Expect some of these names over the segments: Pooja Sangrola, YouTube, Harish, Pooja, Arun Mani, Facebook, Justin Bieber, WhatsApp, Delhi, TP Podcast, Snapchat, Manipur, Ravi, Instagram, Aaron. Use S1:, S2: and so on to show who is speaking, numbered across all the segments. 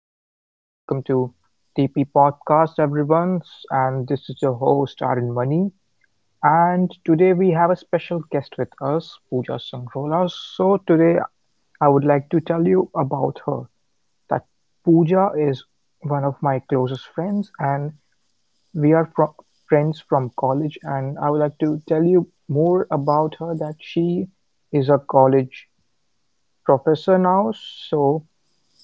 S1: episode. Welcome to TP Podcast, everyone. And this is your host Arun Mani. And today we have a special guest with us, Pooja Sangrola. So today I would like to tell you about her. That Pooja is one of my closest friends, and we are fro- friends from college. And I would like to tell you more about her. That she is a college professor now, so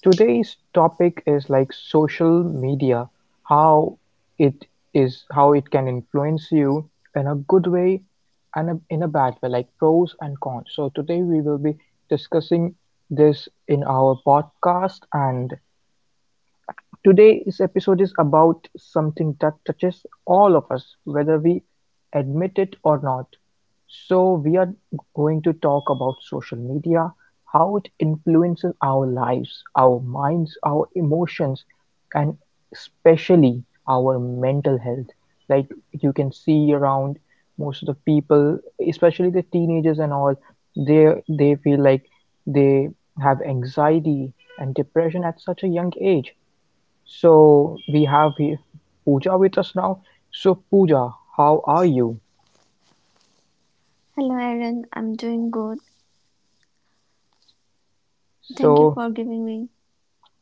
S1: today's topic is like social media, how it how it can influence you in a good way and in a bad way, like pros and cons. So today we will be discussing this in our podcast. And today's episode is about something that touches all of us, whether we admit it or not. So we are going to talk about social media, how it influences our lives, our minds, our emotions, and especially our mental health. Like you can see around most of the people, especially the teenagers and all, they feel like they have anxiety and depression at such a young age. So we have here Pooja with us now. So Pooja, how are you?
S2: Hello, Aaron. I'm doing good. Thank you
S1: So
S2: for giving me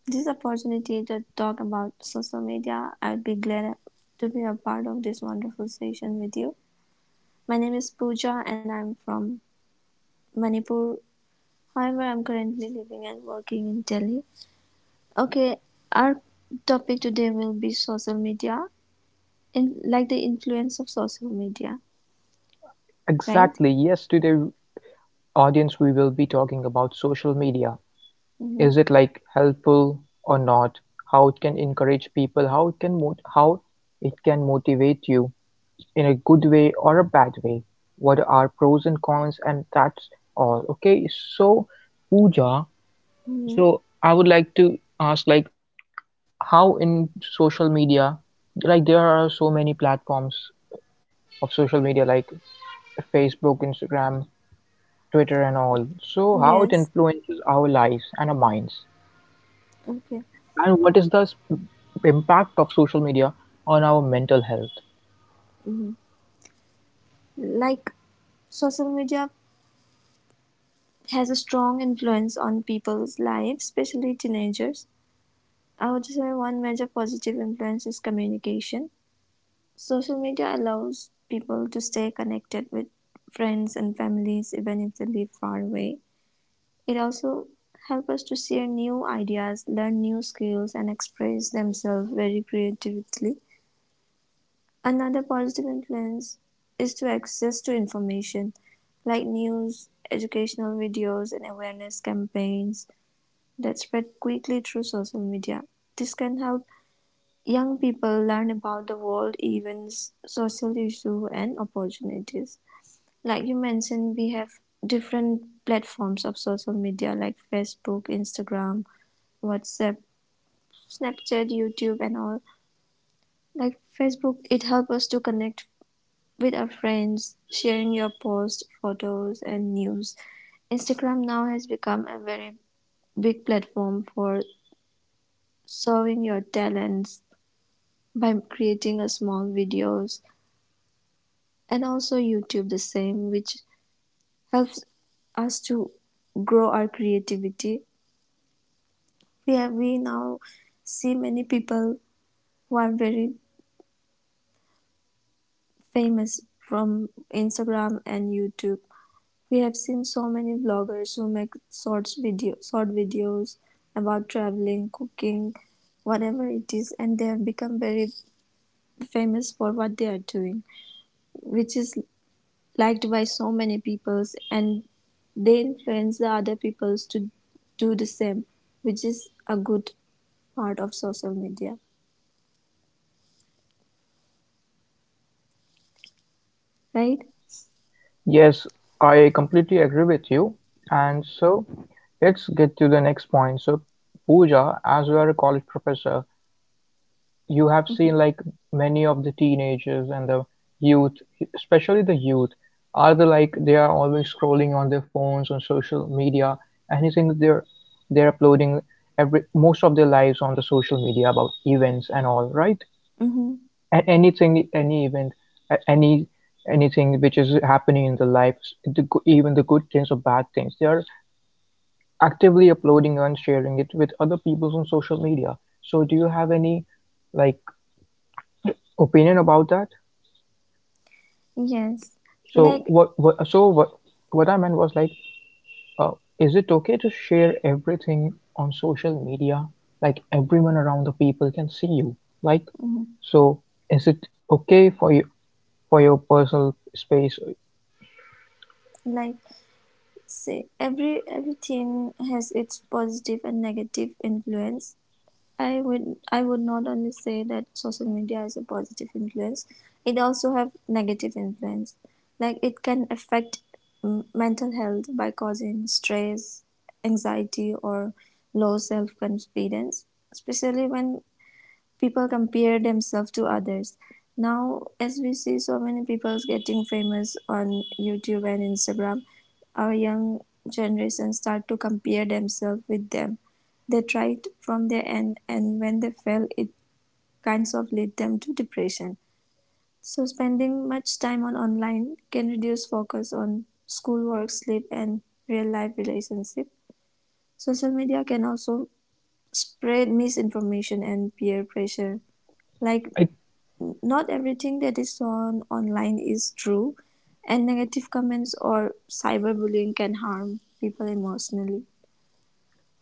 S2: this opportunity to talk about social media. I'll be glad to be a part of this wonderful session with you. My name is Pooja and I'm from Manipur. However, I'm currently living and working in Delhi. Okay, our topic today will be social media, like the influence of social media, right?
S1: exactly, yes, today, audience, we will be talking about social media.
S2: Mm-hmm.
S1: Is it like helpful or not? How it can encourage people, how it can motivate you in a good way or a bad way. What are pros and cons, and that's all. Okay, so Pooja,
S2: Mm-hmm.
S1: so I would like to ask, like, how in social media, like there are so many platforms of social media, like Facebook, Instagram, Twitter, and all. So how it
S2: Yes.
S1: influences our lives and our minds,
S2: Okay.
S1: and what is the impact of social media on our mental health?
S2: Mm-hmm. Like social media has a strong influence on people's lives, especially teenagers. I would say one major positive influence is communication. Social media allows people to stay connected with friends and families even if they live far away. It also helps us to share new ideas, learn new skills, and express themselves very creatively. Another positive influence is to access to information like news, educational videos, and awareness campaigns that spread quickly through social media. This can help young people learn about the world events, social issues, and opportunities. Like you mentioned, we have different platforms of social media like Facebook, Instagram, WhatsApp, Snapchat, YouTube, and all. Like Facebook, it helps us to connect with our friends, sharing your posts, photos, and news. Instagram now has become a very big platform for showing your talents by creating a small videos, and also YouTube the same, which helps us to grow our creativity. We now see many people who are very famous from Instagram and YouTube. We have seen so many vloggers who make short videos about traveling, cooking, whatever it is, and they have become very famous for what they are doing, which is liked by so many peoples, and they influence the other peoples to do the same, which is a good part of social media, right?
S1: Yes, I completely agree with you. And so let's get to the next point. So Pooja, as you are a college professor, you have
S2: Mm-hmm.
S1: seen, like, many of the teenagers and the youth especially the youth are the, like, they are always scrolling on their phones on social media. Anything they're uploading every most of their lives on the social media about events and all, right?
S2: Mm-hmm.
S1: And anything, any event, a- any anything which is happening in the lives, even the good things or bad things, they are actively uploading and sharing it with other people on social media. So do you have any, like, opinion about that?
S2: Yes.
S1: So
S2: Like
S1: what I meant was, like, uh, is it okay to share everything on social media? Like, everyone around the people can see you. Like,
S2: mhm.
S1: so is it okay for you, for your personal space?
S2: Like, say, everything has its positive and negative influence. I would not only say that social media is a positive influence. It also have negative influence. Like it can affect mental health by causing stress, anxiety, or low self confidence, especially when people compare themselves to others. Now, as we see so many people getting famous on YouTube and Instagram, our young generation start to compare themselves with them. They tried from their end, and when they fail, it kinds of lead them to depression. So, spending much time on online can reduce focus on schoolwork, sleep, and real life relationship. Social media can also spread misinformation and peer pressure, like
S1: I
S2: not everything that is on online is true, and negative comments or cyberbullying can harm people emotionally.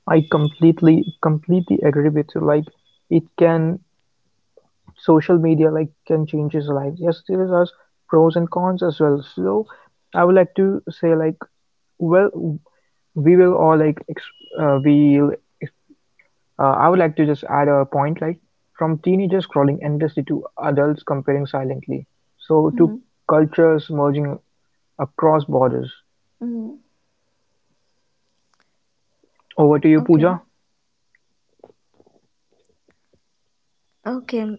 S1: I completely agree with you. Like, it can, social media, like, can change his life. Yes, there is us pros and cons as well. So I would like to say, like, well, we will all like ex- we'll I would like to just add a point, like, from teenagers scrolling endlessly to adults comparing silently. So to
S2: Mm-hmm.
S1: cultures merging across borders.
S2: Mm-hmm.
S1: Over to you,
S2: Okay.
S1: Pooja.
S2: Okay.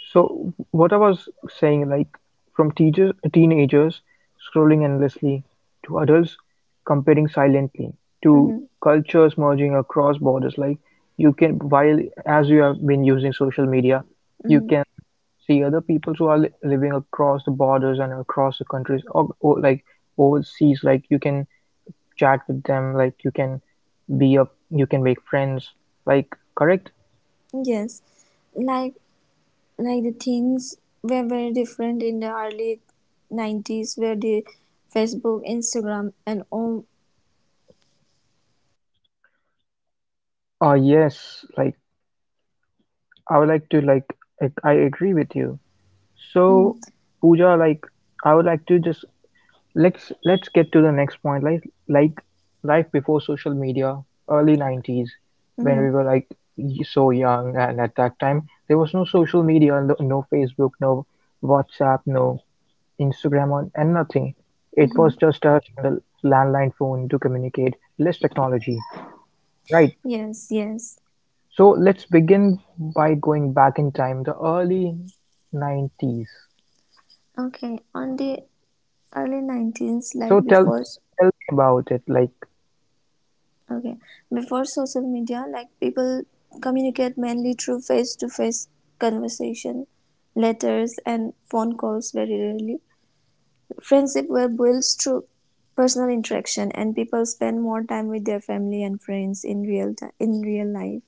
S1: So what I was saying, like, from teenagers scrolling endlessly to adults comparing silently to
S2: Mm-hmm.
S1: cultures merging across borders. Like you can, while as you have been using social media, you
S2: Mm-hmm.
S1: can see other people who are living across the borders and across the countries, or like overseas. Like you can chat with them. Like you can you can make friends. Like, correct?
S2: Yes. Like like the things were very different in the early 90s, where the Facebook, Instagram and all.
S1: Ah yes. Like, I would like to like, I agree with you. So
S2: Mm-hmm.
S1: Pooja, like, I would like to just, let's get to the next point. Like, life before social media, early 90s, when
S2: Mm-hmm.
S1: we were like so young, and at that time there was no social media, no Facebook, no WhatsApp, no Instagram, on and nothing. It
S2: Mm-hmm.
S1: was just us and a landline phone to communicate. Less technology, right?
S2: Yes, yes.
S1: So let's begin by going back in time, the early 90s.
S2: Okay. On the early 19s,
S1: So
S2: like
S1: tell tell tell me about it. Like,
S2: okay, before social media, like people communicate mainly through face to face conversation, letters, and phone calls very rarely. Friendship were built through personal interaction, and people spend more time with their family and friends in real time, in real life.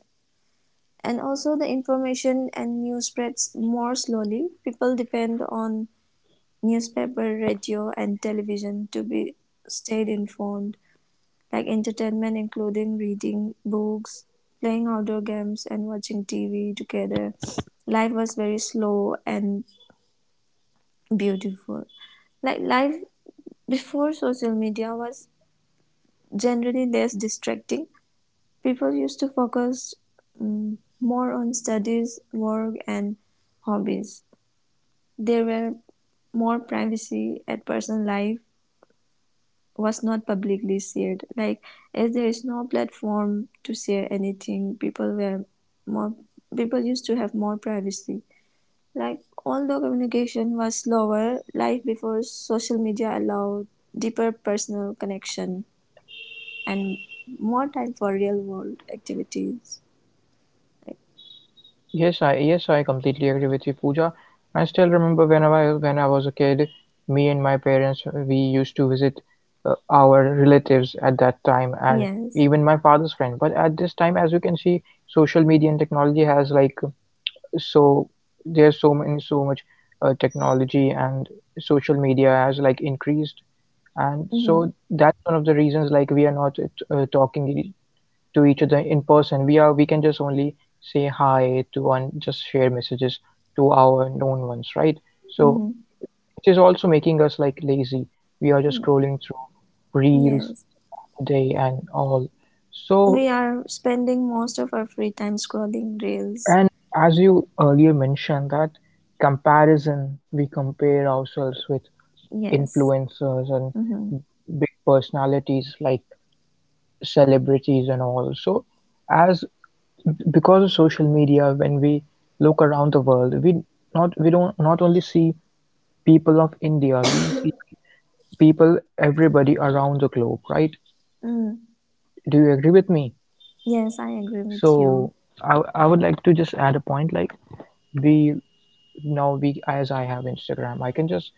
S2: And also, the information and news spreads more slowly. People depend on newspaper, radio, and television to be stayed informed, like entertainment including reading books, playing outdoor games and watching TV together. Life was very slow and beautiful. Like life before social media was generally less distracting. People used to focus more on studies, work and hobbies. There were more privacy, at personal life was not publicly shared. Like as there is no platform to share anything, more people used to have more privacy. Like although communication was slower, life before social media allowed deeper personal connection and more time for real world activities.
S1: yes, I completely agree with you, Pooja. I still remember when I was a kid, me and my parents we used to visit our relatives at that time, and
S2: Yes.
S1: even my father's friend. But at this time, as you can see, social media and technology has, like, so there's so much technology and social media has, like, increased, and
S2: Mm-hmm.
S1: so that is one of the reasons, like, we are not uh, talking e- to each other in person. We are, we can just only say hi to and just share messages to our known ones, right? So
S2: Mm-hmm.
S1: it is also making us, like, lazy. We are just
S2: Mm.
S1: scrolling through reels
S2: Yes.
S1: today and all. So,
S2: We are spending most of our free time scrolling reels.
S1: and as you earlier mentioned, that comparison, we compare ourselves with
S2: Yes.
S1: influencers and
S2: Mm-hmm.
S1: big personalities like celebrities and all. So, as because of social media, when we look around the world, we not we don't not only see people of India, we see, like, people everybody around the globe, right?
S2: Mm.
S1: Do you agree with me?
S2: Yes, I agree with you.
S1: So I would like to just add a point, like, we now we as I have Instagram, I can just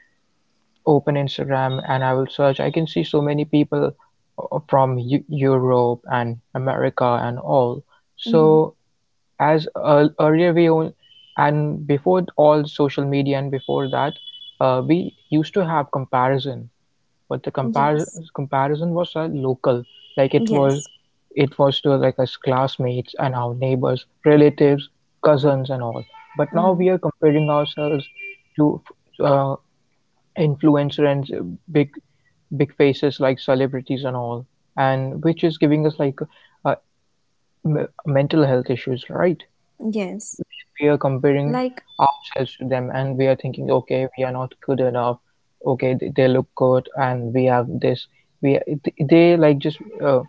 S1: open Instagram and I will search. I can see so many people Europe and America and all.
S2: Mm-hmm.
S1: So, as earlier we own and before all social media and before that, we used to have comparison, but the
S2: Yes.
S1: comparison comparison was local. Like it was,
S2: Yes.
S1: it was to, like, us classmates and our neighbors, relatives, cousins and all. But now
S2: Mm-hmm.
S1: we are comparing ourselves to uh, influencer and big faces like celebrities and all, and which is giving us, like, uh, mental health issues, right?
S2: Yes.
S1: We are, we are comparing
S2: Like
S1: ourselves to them, and we are thinking, okay, we are not good enough. Okay, they look good and we have this, we they like just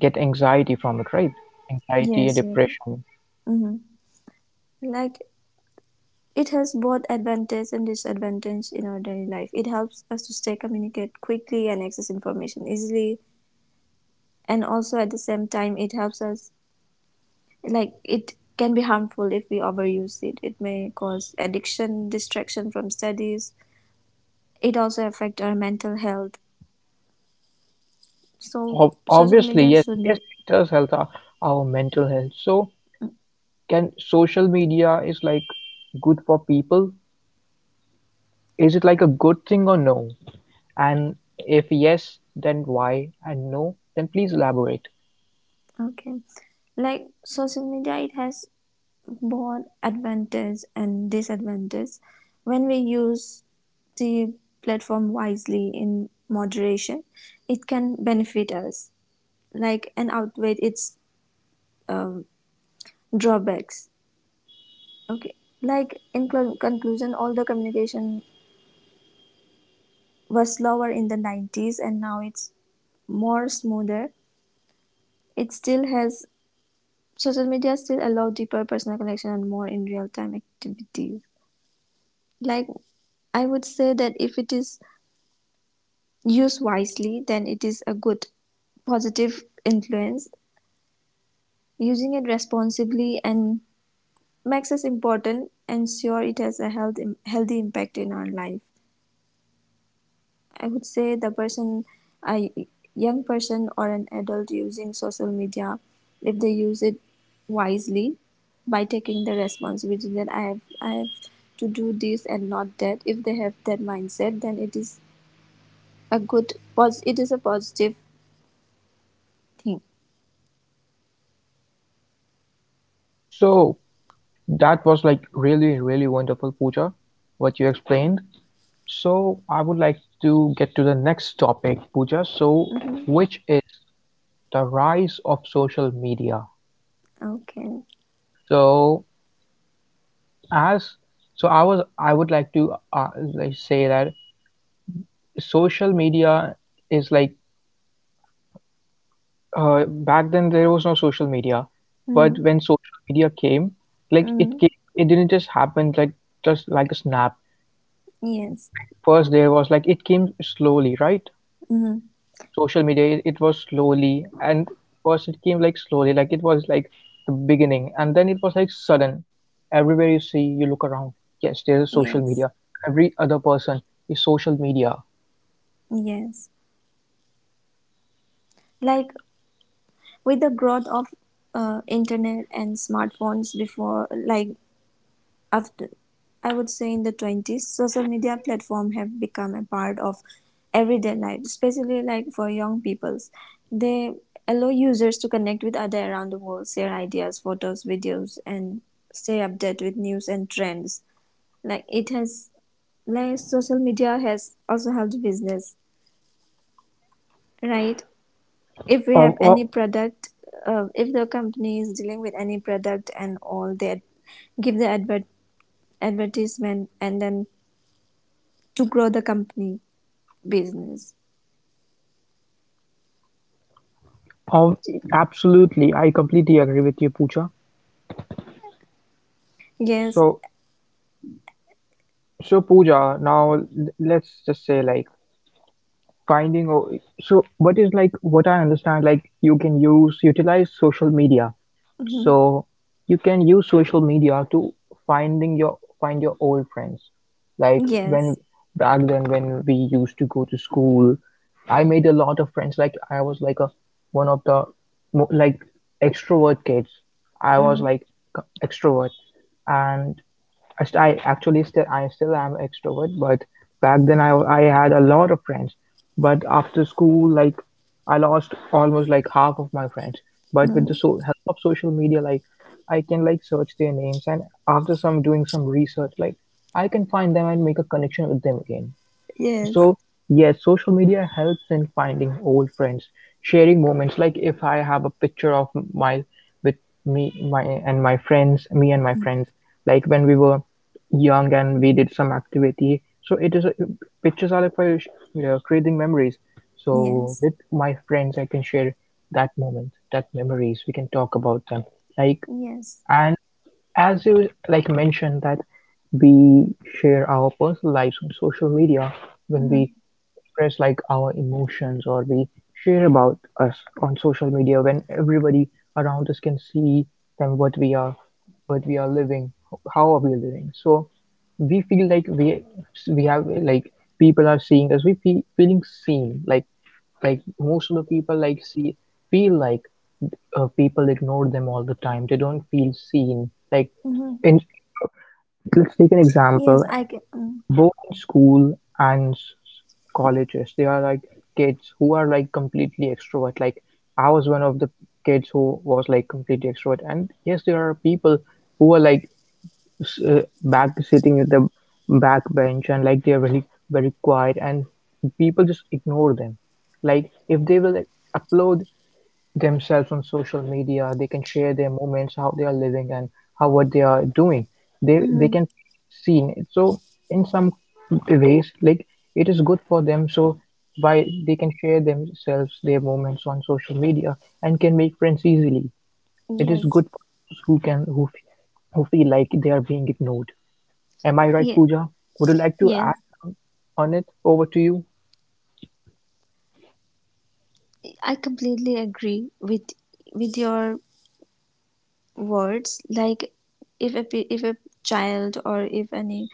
S1: get anxiety from it, right? Anxiety and
S2: yes. Yes.
S1: depression.
S2: Mm-hmm. Like it has both advantage and disadvantage in our daily life. It helps us to stay communicate quickly and access information easily, and also at the same time it helps us, like, it can be harmful if we overuse it. It may cause addiction, distraction from studies. It also affect our mental health. So social
S1: Obviously,
S2: media
S1: yes,
S2: should
S1: yes,
S2: be.
S1: it does help our mental health. So,
S2: mm,
S1: can, social media is, like, good for people? Is it, like, a good thing or no? And if yes, then why, and no, then please elaborate.
S2: okay. Like social media, it has both advantage and disadvantage. When we use the platform wisely in moderation, it can benefit us, like, and outweigh its um, drawbacks. Okay, like in conclusion, all the communication was slower in the 90s and now it's more smoother. It still has, social media still allow deeper personal connection and more in real time activities. Like, I would say that if it is used wisely, then it is a good, positive influence. Using it responsibly and makes us important and sure it has a healthy impact in our life. I would say the person, a young person or an adult using social media, if they use it wisely by taking the responsibility that I have to do this and not that. If they have that mindset, then it is a good, it is a positive thing.
S1: So that was, like, really, really wonderful, Pooja, what you explained. So I would like to get to the next topic, Pooja. So,
S2: Hmm.
S1: which is the rise of social media?
S2: Okay.
S1: So, as, I would like to, like, say that social media is, like, back then there was no social media, but
S2: Mm.
S1: when social media came, like, it
S2: Mm.
S1: came, it didn't just happen like just like a snap.
S2: Yes.
S1: Like, first there was, like, it came slowly, right?
S2: Mm.
S1: Social media, it was slowly, and first it came, like, slowly. Like, it was, like, the beginning, and then it was, like, sudden. Everywhere you see, you look around, yes, there is social
S2: Yes.
S1: media. Every other person is social media.
S2: Yes. Like with the growth of internet and smartphones before, like after, I would say in the 20s, social media platform have become a part of everyday life, especially like for young peoples. They allow users to connect with other around the world, share ideas, photos, videos, and stay updated with news and trends. Like it has, like social media has also helped business, right? If we have
S1: Of,
S2: any
S1: of,
S2: product, if the company is dealing with any product and all, they give the advertisement and then to grow the company business.
S1: of absolutely, I completely agree with you, Pooja.
S2: Yes.
S1: So, so Pooja, now, let's just say, like, finding. So, what is, like, what I understand? Like, you can use, utilize social media.
S2: Hmm.
S1: So you can use social media to find your old friends. Like, when
S2: Yes.
S1: back then when we used to go to school, I made a lot of friends. Like, I was like a one of the like extrovert kids. I was
S2: Mm.
S1: like extrovert, and I, st- I actually still I still am extrovert, but back then I had a lot of friends. But after school, like, I lost almost, like, half of my friends. But with
S2: Mm.
S1: the so help of social media, like, I can, like, search their names, and after some doing some research, like, I can find them and make a connection with them again.
S2: Yes.
S1: So, yes, social media helps in finding old friends, sharing moments. Like, if I have a picture of with my friends, me and my friends, like, when we were young and we did some activity. So it is a, pictures are like for creating memories. So
S2: Yes.
S1: with my friends, I can share that moment, that memories. We can talk about them. Like
S2: Yes.
S1: and as you mentioned that we share our personal lives on social media when we
S2: Hmm.
S1: express our emotions, or we share about us on social media when everybody around us can see them, what we are, what we are living, how are we living. So we feel like we have like, people are seeing us, we feel feeling seen. Like, most of the people see feel like people ignore them all the time, they don't feel seen. Like
S2: Hmm.
S1: in if you, let's take an
S2: Yes,
S1: example,
S2: I can. Mm.
S1: both in school and colleges, they are like kids who are like completely extrovert. Like I was one of the kids who was like completely extrovert, and yes, there are people who are like, back sitting at the back bench, and like they're very very quiet, and people just ignore them. Like if they will, like, upload themselves on social media, they can share their moments, how they are living and how, what they are doing, they
S2: Hmm.
S1: can feel seen. So in some ways, like, it is good for them. So why they can share themselves, their moments on social media, and can make friends easily. It is
S2: Yes.
S1: good for those who can, who feel like they are being ignored. Am I right,
S2: Yes.
S1: Pooja? Would you like to
S2: Yes,
S1: add some on it? Over to you.
S2: I completely agree with your words. Like, if a child or if any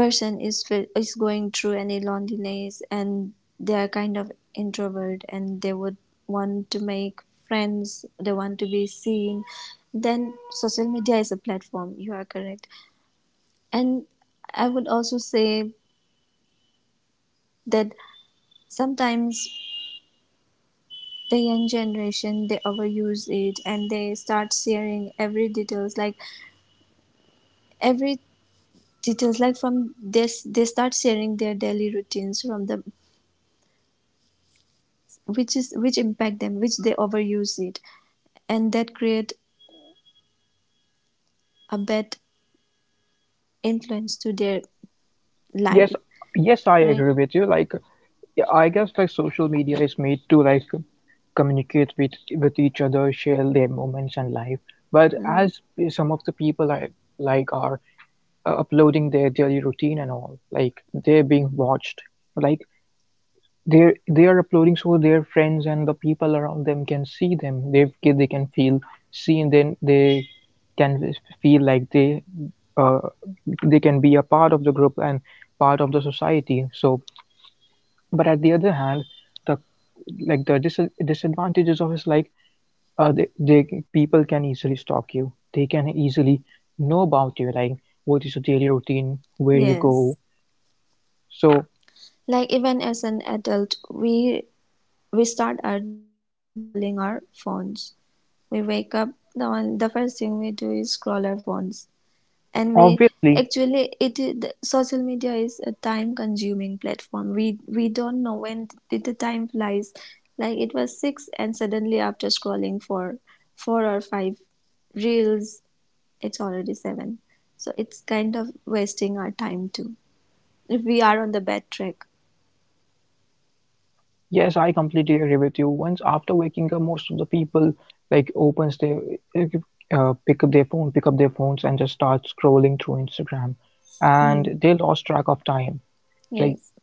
S2: person is going through any loneliness, and they are kind of introvert, and they would want to make friends, they want to be seen, then social media is a platform. You are correct. And I would also say that sometimes the young generation they overuse it, and they start sharing every details, like every details, like from this they start sharing their daily routines from the which impact them, which they overuse it, and that create a bad influence to their
S1: Yes,
S2: life.
S1: yes, I
S2: Right.
S1: agree with you. Like, yeah, I guess like social media is made to, like, communicate with each other, share their moments and life. But
S2: Mm.
S1: as some of the people, I like, are uploading their daily routine and all, like they're being watched. Like they are uploading so their friends and the people around them can see them, they can feel seen, then they can feel like they, uh, they can be a part of the group and part of the society. So but at the other hand, the, like the disadvantages of is like, they, people can easily stalk you, they can easily know about you, like what is your daily routine, where you go.
S2: Yes.
S1: So
S2: Like even as an adult, we start our day by scrolling our phones. We wake up, the first thing we do is scroll our phones. And we
S1: obviously.
S2: actually, the social media is a time consuming platform. We don't know when did the time flies. Like it was 6 and suddenly after scrolling for 4 or 5 reels, it's already 7. So it's kind of wasting our time too. If we are on the bad track.
S1: Yes, I completely agree with you. Once after waking up, most of the people like opens their, pick up their phones, and just start scrolling through Instagram,
S2: Mm.
S1: and they lost track of time. Like
S2: Yes.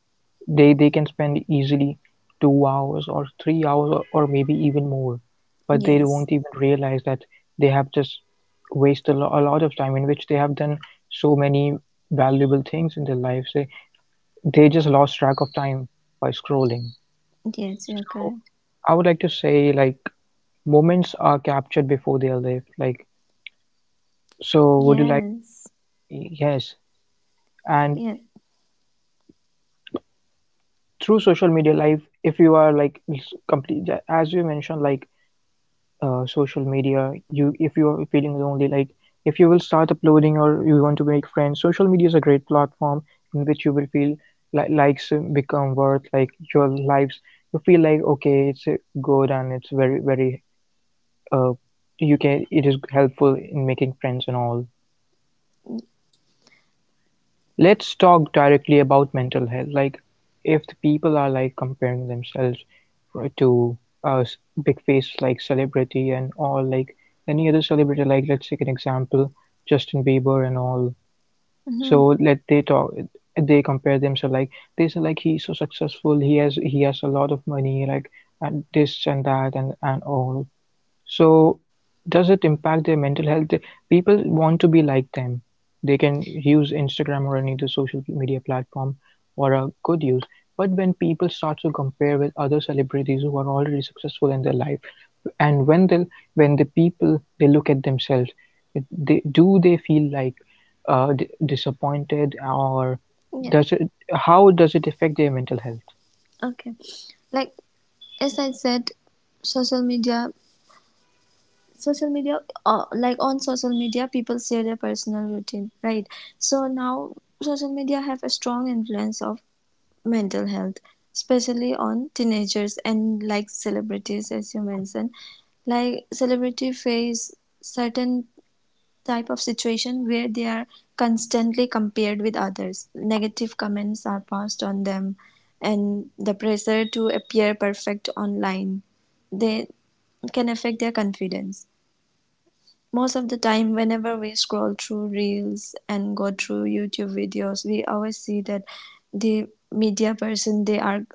S1: they can spend easily 2 hours or 3 hours, or maybe even more, but they
S2: Yes.
S1: won't even realize that they have just wasted a a lot of time, in which they have done so many valuable things in their lives. They just lost track of time by scrolling.
S2: Yes, you're
S1: So
S2: correct.
S1: I would like to say, like, moments are captured before they are lived. Like, so would you like,
S2: Yes.
S1: yes. And
S2: Yeah.
S1: through social media life, if you are like complete ja, as you mentioned, like, social media, you, if you are feeling lonely, like, if you will start uploading or you want to make friends, social media is a great platform in which you will feel like, likes become worth like your lives. You feel like, okay, it's good, and it's very very uh, you can, it is helpful in making friends and all. Let's talk directly about mental health. Like, if the people are like comparing themselves to, uh, s- big face like celebrity and all, like any other celebrity. Like let's take an example, Justin Bieber and all.
S2: Hmm.
S1: So let they talk, they compare themselves, like they say like he's so successful, he has a lot of money, like, and this and that, and all. So, does it impact their mental health? They, people want to be like them. They can use Instagram or any other social media platform for a good use. But when people start to compare with other celebrities who are already successful in their life, and when they, when the people they look at themselves, it, they, do they feel like, uh, d- disappointed, or
S2: Yeah.
S1: does it, how does it affect their mental health?
S2: Okay. Like as I said, social media social media, like on social media people share their personal routine, right? So now social media have a strong influence of mental health, especially on teenagers and like celebrities, as you mentioned. Like celebrity face certain type of situation where they are constantly compared with others. Negative comments are passed on them, and the pressure to appear perfect online, they can affect their confidence. Most of the time, whenever we scroll through reels and go through YouTube videos, we always see that the media person they are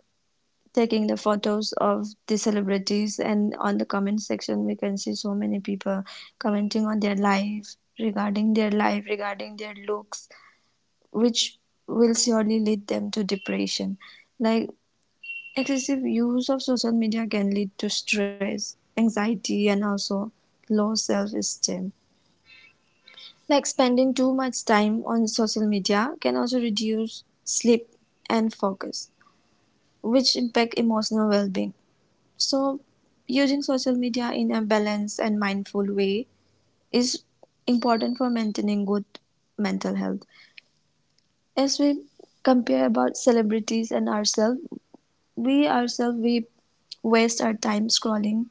S2: taking the photos of the celebrities, and on the comment section we can see so many people commenting on their life, regarding their life, regarding their looks, which will surely lead them to depression. Like excessive use of social media can lead to stress, anxiety and also low self-esteem. Like spending too much time on social media can also reduce sleep and focus, which impact emotional well-being. So, using social media in a balanced and mindful way is important for maintaining good mental health. As we compare about celebrities and ourselves, we waste our time scrolling,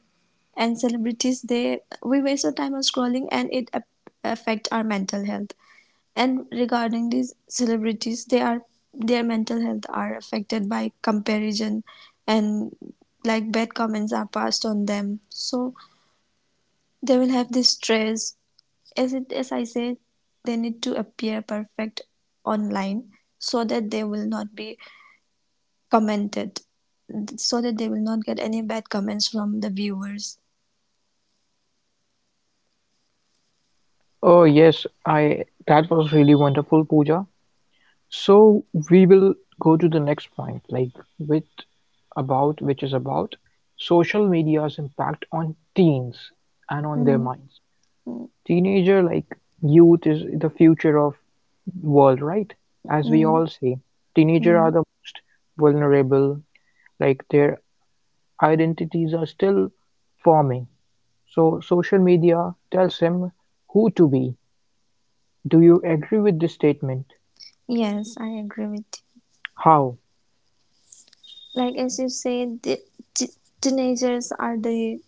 S2: and celebrities they, we waste our time on scrolling, and it affect our mental health. And regarding these celebrities, they are their mental health are affected by comparison and like bad comments are passed on them, so they will have this stress. As I said, they need to appear perfect online so that they will not be commented, so that they will not get any bad comments from the viewers.
S1: Oh yes, I, that was really wonderful, Pooja. So we will go to the next point, like, with about, which is about social media's impact on teens and on their
S2: Mm.
S1: minds.
S2: Mm.
S1: Teenager, like youth, is the future of world, right? As we
S2: Mm.
S1: all say, teenager are
S2: Mm.
S1: the most vulnerable. Like their identities are still forming. So social media tells them who to be. Do you agree with this statement?
S2: Yes, I agree with you.
S1: How?
S2: Like as you said, t- teenagers are the.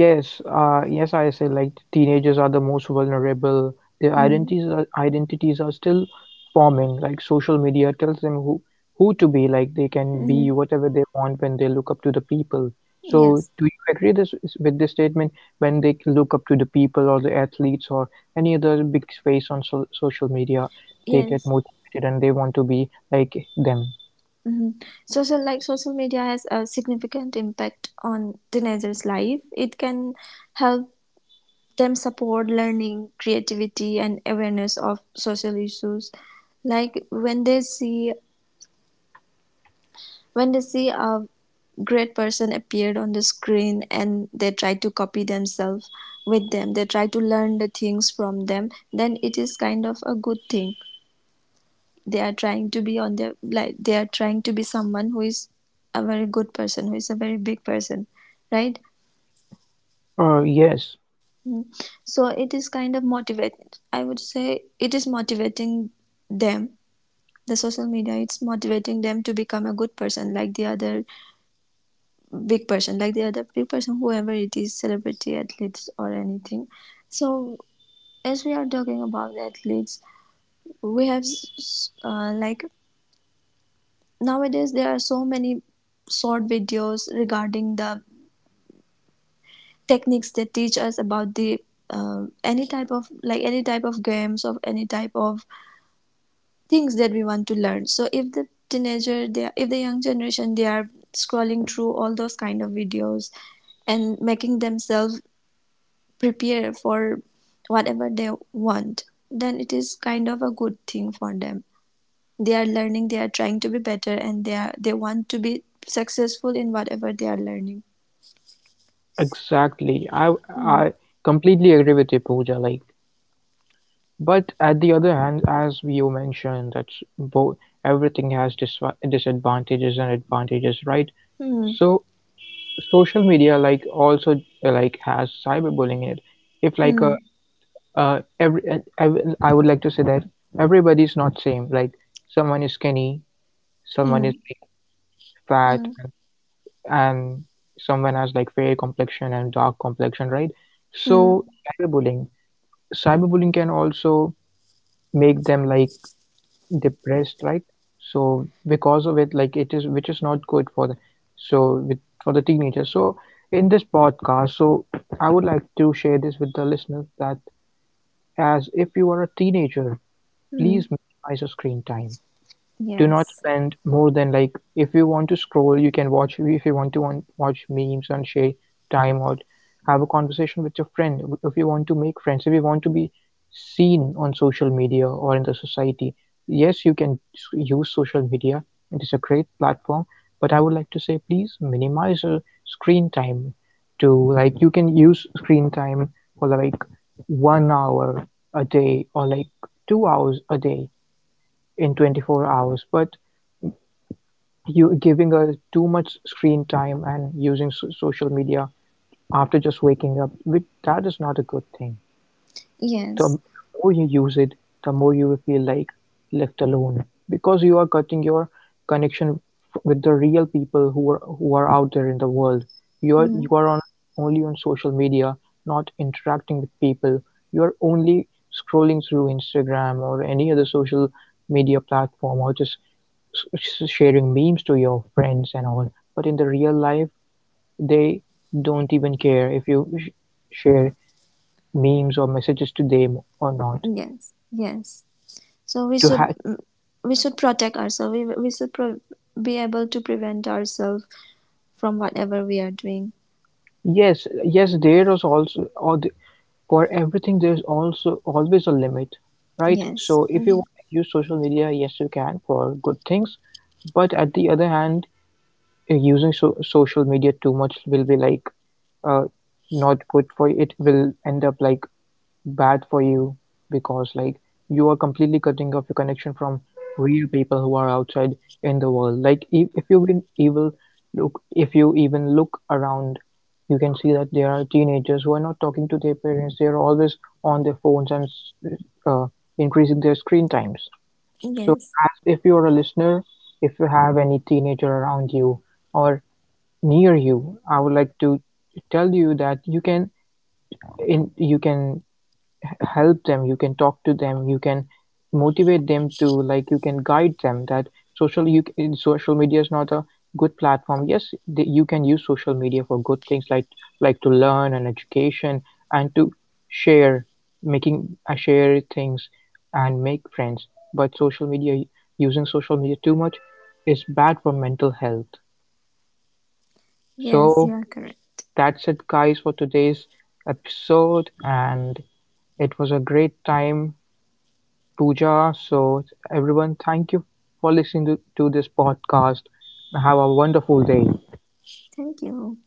S1: Yes, yes, I say like teenagers are the most vulnerable. Their
S2: Mm.
S1: identities are still forming. Like social media tells them who to be. Like they can
S2: Mm.
S1: be whatever they want when they look up to the people. So,
S2: Yes,
S1: do you agree with this statement, when they look up to the people or the athletes or any other big face on social media, they get
S2: yes.
S1: motivated and they want to be like them?
S2: Hmm. Social media has a significant impact on teenagers' life. It can help them support learning, creativity, and awareness of social issues. Like when they see a great person appeared on the screen and they try to copy themselves with them, they try to learn the things from them, then it is kind of a good thing. They are trying to be on their, like they are trying to be someone who is a very good person, who is a very big person, right?
S1: Yes,
S2: Mm. So it is kind of motivating. I would say it is motivating them, the social media it's motivating them to become a good person like the other big person, like the other big person, whoever it is, celebrity, athletes or anything. So as we are talking about athletes, we have, like nowadays there are so many short videos regarding the techniques that teach us about the any type of, like any type of games, of any type of things that we want to learn. So if the teenager they are, if the young generation they are scrolling through all those kind of videos and making themselves prepare for whatever they want, then it is kind of a good thing for them. They are learning, they are trying to be better, and they want to be successful in whatever they are learning.
S1: exactly.
S2: Mm.
S1: I completely agree with you, Pooja. Like. But at the other hand, as you mentioned, that's both, everything has disadvantages and advantages, right?
S2: Mm.
S1: So social media, like, also like has cyberbullying in it. If like
S2: Mm.
S1: every I would like to say that everybody's not same. Like someone is skinny, someone
S2: Mm.
S1: is like fat,
S2: Mm.
S1: and someone has like fair complexion and dark complexion, right? So
S2: Mm.
S1: cyberbullying can also make them like depressed, right? So because of it, like, it is, which is not good for the, so with for the teenagers. So in this podcast, so I would like to share this with the listeners that, as if you are a teenager, please
S2: Mm.
S1: minimize your screen time. Do not
S2: Yes.
S1: spend more than, like, if you want to scroll, you can watch, if you want to watch memes and share time, or have a conversation with your friend, if you want to make friends, if you want to be seen on social media or in the society, yes you can use social media, it is a great platform. But I would like to say, please minimize your screen time to, like, you can use screen time for like 1 hour a day, or like 2 hours a day in 24 hours. But you giving her too much screen time and using social media after just waking up, which, that is not a good thing.
S2: Yes.
S1: The more you use it, the more you will feel like left alone, because you are cutting your connection with the real people who are, who are out there in the world. You
S2: Mm.
S1: are on only on social media, not interacting with people. You are only scrolling through Instagram or any other social media platform, or just sharing memes to your friends and all, but in the real life they don't even care if you share memes or messages to them or not.
S2: Yes. Yes. So we
S1: To
S2: should
S1: have,
S2: we should protect ourselves. We should be able to prevent ourselves from whatever we are doing.
S1: yes, yes, there is also, for everything there's also always a limit, right?
S2: Yes.
S1: So if you
S2: Mhm.
S1: want to use social media, yes you can, for good things. But at the other hand, using social media too much will be like, uh, not good for you. It will end up like bad for you, because like you are completely cutting off your connection from real people who are outside in the world. Like if you even evil look if you even look around, you can see that there are teenagers who are not talking to their parents, they are always on their phones and, uh, increasing their screen times. So
S2: Yes.
S1: as if you are a listener, if you have any teenager around you or near you, I would like to tell you that you can, you can help them, you can talk to them, you can motivate them to, like, you can guide them that social you social media is not a good platform. Yes, you can use social media for good things, like to learn and education, and to share, making, share things and make friends. But social media, using social media too much, is bad for mental health.
S2: Yes, you
S1: So
S2: are correct.
S1: that's it guys, for today's episode, and it was a great time, Pooja. So, everyone, thank you for listening to this podcast. Have a wonderful day.
S2: Thank you.